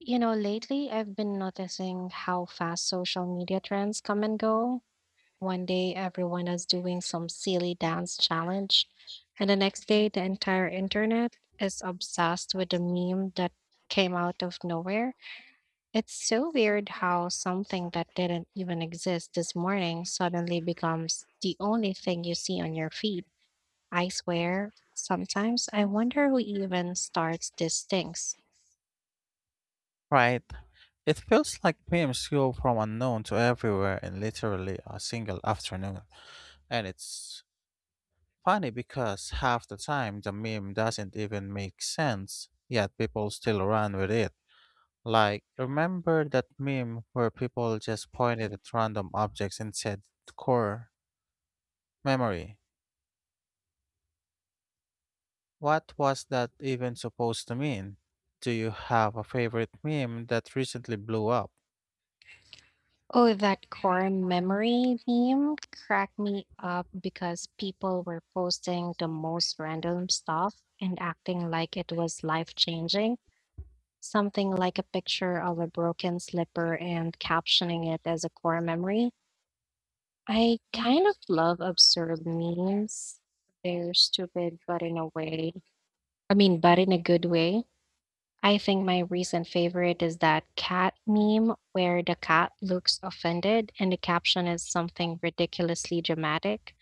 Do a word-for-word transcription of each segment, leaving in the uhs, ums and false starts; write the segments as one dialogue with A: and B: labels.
A: You know, lately I've been noticing how fast social media trends come and go. One day everyone is doing some silly dance challenge, and the next day the entire internet is obsessed with a meme that came out of nowhere. It's so weird
B: But
A: how something that didn't even exist this morning suddenly
B: so
A: becomes the only thing you see on your feed. I swear, sometimes I wonder who even starts these things.
B: Right. It feels like memes go from unknown to everywhere in literally a single afternoon. And it's funny because half the time the meme doesn't even make sense, yet people still run with it. Like, remember that meme where people just pointed at random objects and said core memory? What was that even supposed to mean? Do you have a favorite meme that recently blew up?
A: Oh, that core memory meme cracked me up because people were posting the most random stuff and acting like it was life changing. Something like a picture of a broken slipper and captioning it as a core memory. I kind of love absurd memes. They're stupid, but in a way, I mean, but in a good way. I think my recent favorite is that cat meme where the cat looks offended and the caption is something ridiculously dramatic.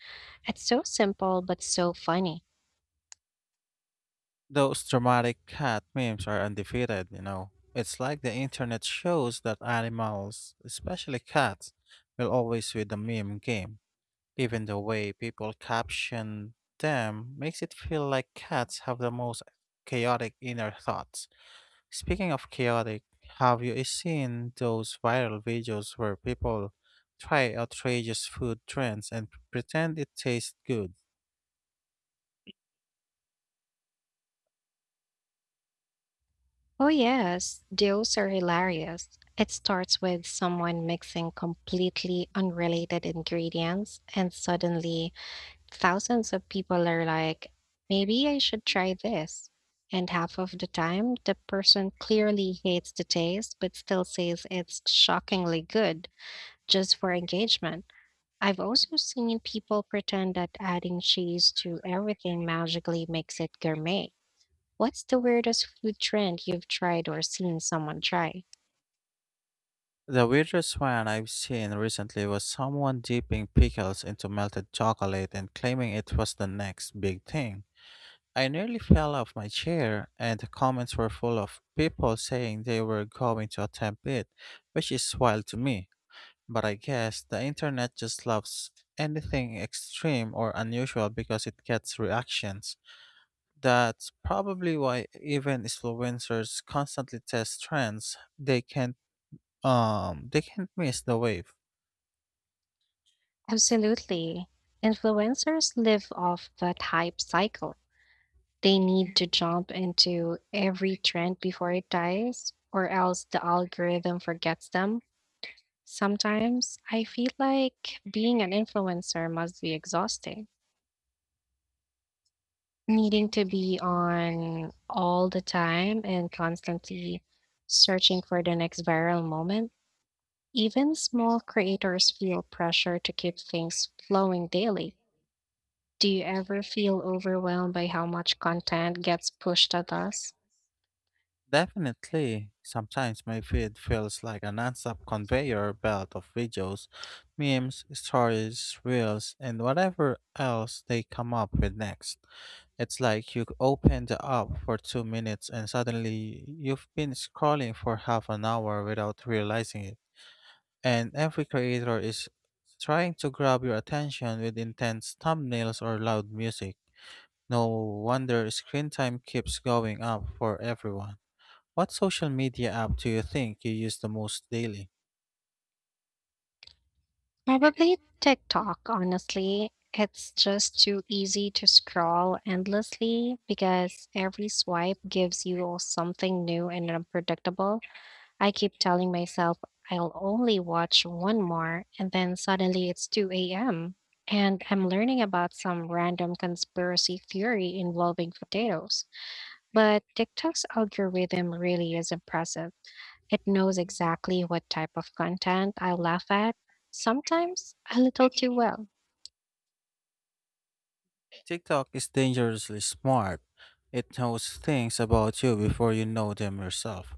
A: It's so simple but so funny.
B: Those dramatic cat memes are undefeated, you know. It's like the internet shows that animals, especially cats, will always win the meme game. Even the way people caption them makes it feel like cats have the most chaotic inner thoughts. Speaking of chaotic, have you seen those viral videos where people try outrageous food trends and pretend it tastes good?
A: Oh, yes, those are hilarious. It starts with someone mixing completely unrelated ingredients, and suddenly thousands of people are like, maybe I should try this. And half of the time, the person clearly hates the taste but still says it's shockingly good, just for engagement. I've also seen people pretend that adding cheese to everything magically makes it gourmet. What's the weirdest food trend you've tried or seen someone try?
B: The weirdest one I've seen recently was someone dipping pickles into melted chocolate and claiming it was the next big thing. I nearly fell off my chair, and the comments were full of people saying they were going to attempt it, which is wild to me. But I guess the internet just loves anything extreme or unusual because it gets reactions. That's probably why even influencers constantly test trends. They can't um they can't miss the wave.
A: Absolutely. Influencers live off that hype cycle. They need to jump into every trend before it dies, or else the algorithm forgets them. Sometimes I feel like being an influencer must be exhausting, needing to be on all the time and constantly searching for the next viral moment. Even small creators feel pressure to keep things flowing daily. Do you ever feel overwhelmed by how much content gets pushed at us?
B: Definitely, sometimes my feed feels like an nonstop conveyor belt of videos, memes, stories, reels, and whatever else they come up with next. It's like you open the app for two minutes and suddenly you've been scrolling for half an hour without realizing it. And every creator is trying to grab your attention with intense thumbnails or loud music. No wonder screen time keeps going up for everyone. What social media app do you think you use the most daily?
A: Probably TikTok, honestly. It's just too easy to scroll endlessly because every swipe gives you something new and unpredictable. I keep telling myself I'll only watch one more, and then suddenly it's two a m and I'm learning about some random conspiracy theory involving potatoes. But TikTok's algorithm really is impressive. It knows exactly what type of content I laugh at, sometimes a little too well.
B: TikTok is dangerously smart. It knows things about you before you know them yourself.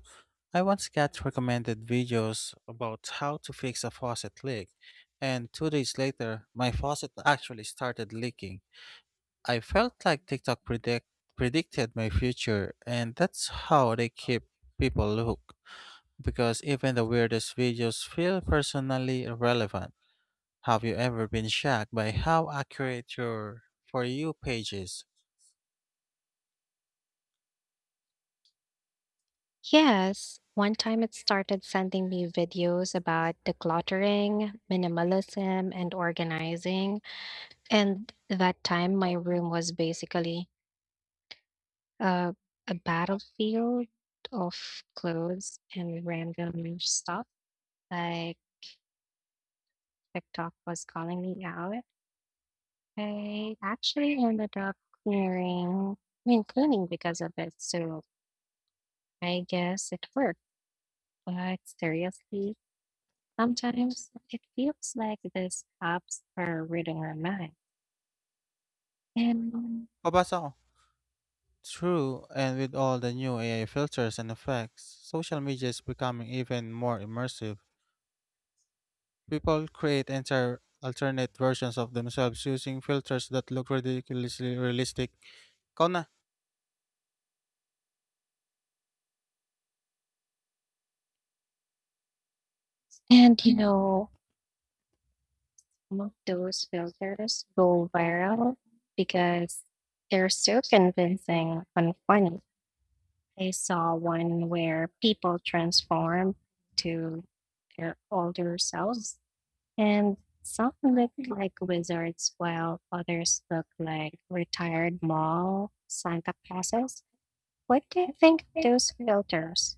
B: I once got recommended videos about how to fix a faucet leak, and two days later, my faucet actually started leaking. I felt like TikTok predict- predicted my future, and that's how they keep people hooked. Because even the weirdest videos feel personally relevant. Have you ever been shocked by how accurate your For You page is?
A: Yes, one time it started sending me videos about decluttering, minimalism, and organizing. And that time, my room was basically uh, a battlefield of clothes and random stuff. Like TikTok was calling me out. I actually ended up clearing, I mean, cleaning because of it. So I guess it worked. But seriously, sometimes it feels like these apps are reading our mind. And
B: Kabasa true, and with all the new A I filters and effects, social media is becoming even more immersive. People create entire alternate versions of themselves using filters that look ridiculously realistic. Ikaw na?
A: and you know, some of those filters go viral because they're so convincing and funny. I saw one where people transform to their older selves, and some look like wizards while others look like retired mall Santa Clauses. What do you think of those filters?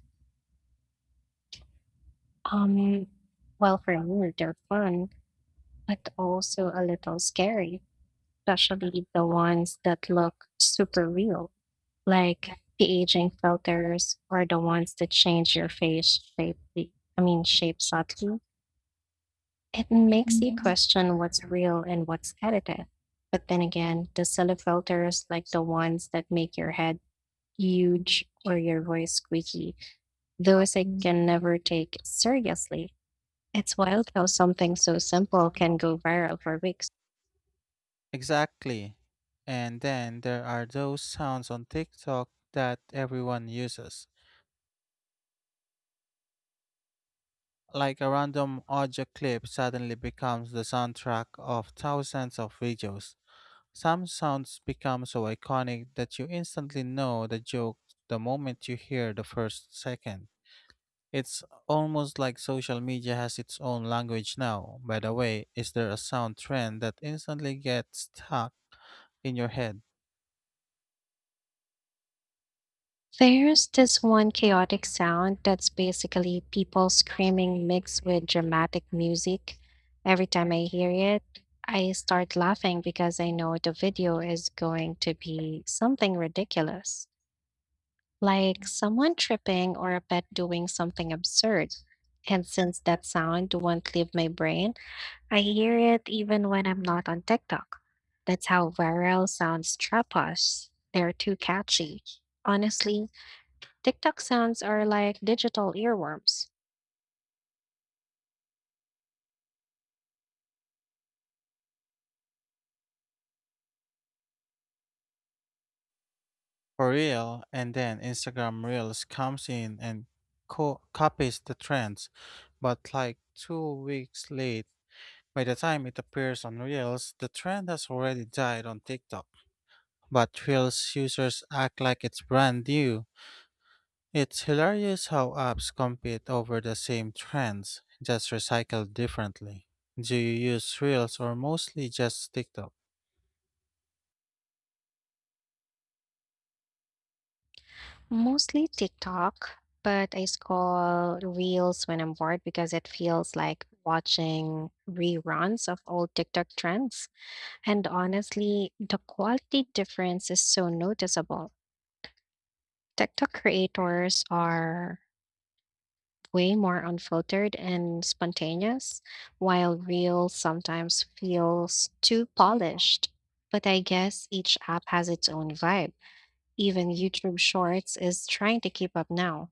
A: Um, well, for me, they're fun, but also a little scary, especially the ones that look super real, like the aging filters or the ones that change your face shape. The- I mean, shape subtly. It makes you question what's real and what's edited. But then again, the silly filters, like the ones that make your head huge or your voice squeaky, those I can never take seriously. It's wild how something so simple can go viral for weeks.
B: Exactly. And then there are those sounds on TikTok that everyone uses. Like a random audio clip suddenly becomes the soundtrack of thousands of videos. Some sounds become so iconic that you instantly know the joke the moment you hear the first second. It's almost like social media has its own language now. By the way, is there a sound trend that instantly gets stuck in your head?
A: There's this one chaotic sound that's basically people screaming mixed with dramatic music. Every time I hear it, I start laughing because I know the video is going to be something ridiculous, like someone tripping or a pet doing something absurd. And since that sound won't leave my brain, I hear it even when I'm not on TikTok. That's how viral sounds trap us. They're too catchy. Honestly, TikTok sounds are like digital earworms.
B: For real, and then Instagram Reels comes in and co- copies the trends, but like two weeks late. By the time it appears on Reels, the trend has already died on TikTok, but thrills users act like it's brand new. It's hilarious how apps compete over the same trends, just recycled differently. Do you use Reels or mostly just TikTok?
A: Mostly TikTok, but I scroll reels when I'm bored because it feels like watching reruns of old TikTok trends. And honestly, the quality difference is so noticeable. TikTok creators are way more unfiltered and spontaneous, while reels sometimes feels too polished. But I guess each app has its own vibe. Even YouTube Shorts is trying to keep up now.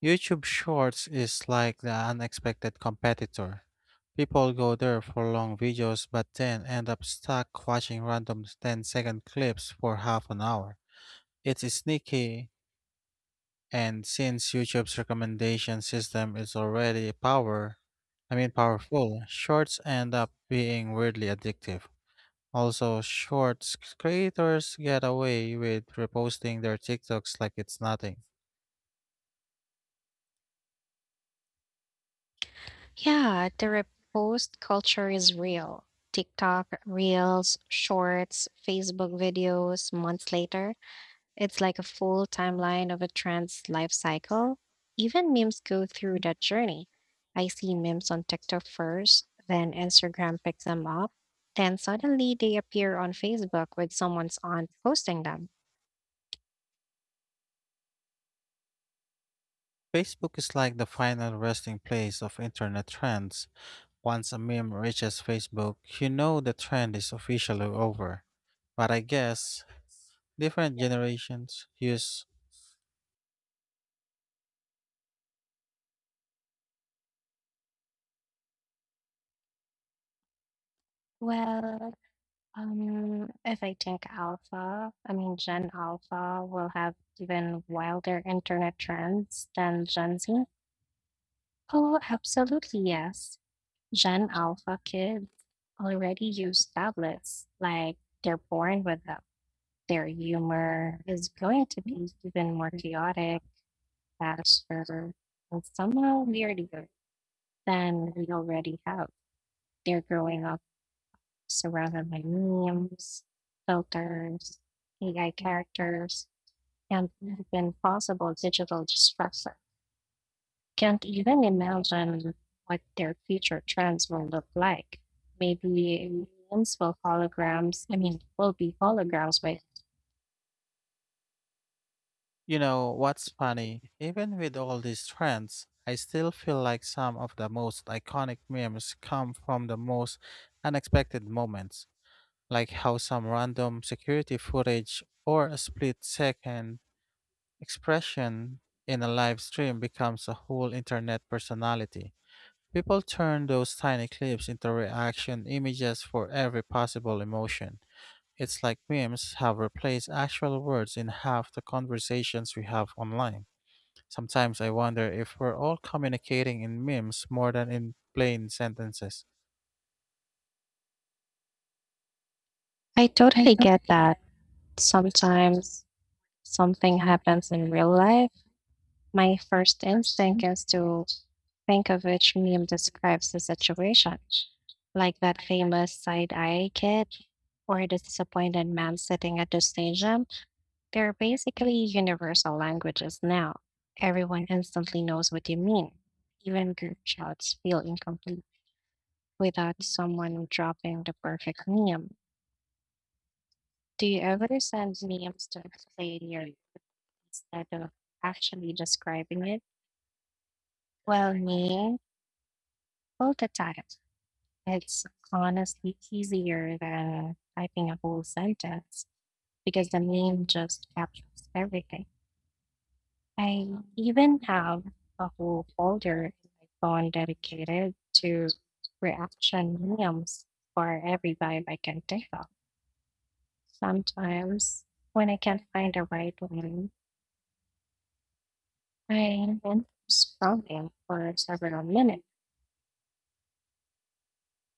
B: YouTube Shorts is like the unexpected competitor. People go there for long videos but then end up stuck watching random ten-second clips for half an hour. It's sneaky, and since YouTube's recommendation system is already power, I mean powerful, shorts end up being weirdly addictive. Also, shorts creators get away with reposting their TikToks like it's nothing.
A: Yeah, the repost culture is real. TikTok, Reels, Shorts, Facebook videos, months later. It's like a full timeline of a trend's life cycle. Even memes go through that journey. I see memes on TikTok first, then Instagram picks them up, then suddenly they appear on Facebook with someone's aunt posting them.
B: Facebook is like the final resting place of internet trends. Once a meme reaches Facebook, you know the trend is officially over. But I guess different generations use.
A: Well, Um, if I take Alpha, I mean Gen Alpha will have even wilder internet trends than Gen Z. Oh, absolutely yes. Gen Alpha kids already use tablets, like they're born with them. Their humor is going to be even more chaotic, faster, and somehow weirder than we already have. They're growing up surrounded by memes, filters, A I characters, and even possible digital disruption. Can't even imagine what their future trends will look like. Maybe memes will holograms, I mean, will be holograms by.
B: You know what's funny? Even with all these trends, I still feel like some of the most iconic memes come from the most unexpected moments, like how some random security footage or a split second expression in a live stream becomes a whole internet personality. People turn those tiny clips into reaction images for every possible emotion. It's like memes have replaced actual words in half the conversations we have online. Sometimes I wonder if we're all communicating in memes more than in plain sentences.
A: I I totally get that. Sometimes something happens in real life. My first instinct is to think of which meme describes the situation, like that famous side eye kid or the disappointed man sitting at the stadium. They're basically universal languages now. Everyone instantly knows what you mean. Even group chats feel incomplete without someone dropping the perfect meme. Do you ever send memes to explain your instead of actually describing it? Well, me, both the times. It's honestly easier than typing a whole sentence because the name just captures everything. I even have a whole folder in my phone dedicated to reaction memes for every vibe I can think of. Sometimes when I can't find the right one, I end up scrolling for several minutes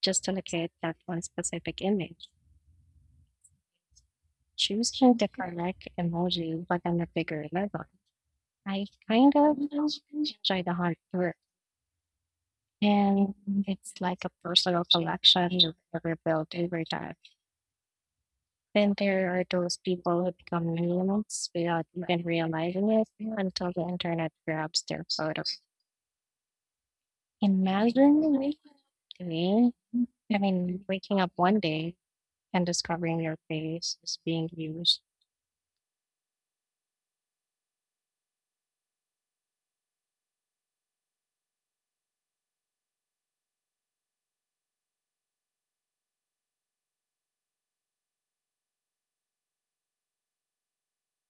A: just to locate that one specific image. Choosing the correct emoji but on a bigger level. I kind of enjoy the hard work. And it's like a personal collection you rebuild over time. Then there are those people who become memes without even realizing it until the internet grabs their photo. Imagine waking up doing- I mean, waking up one day and discovering your face is being used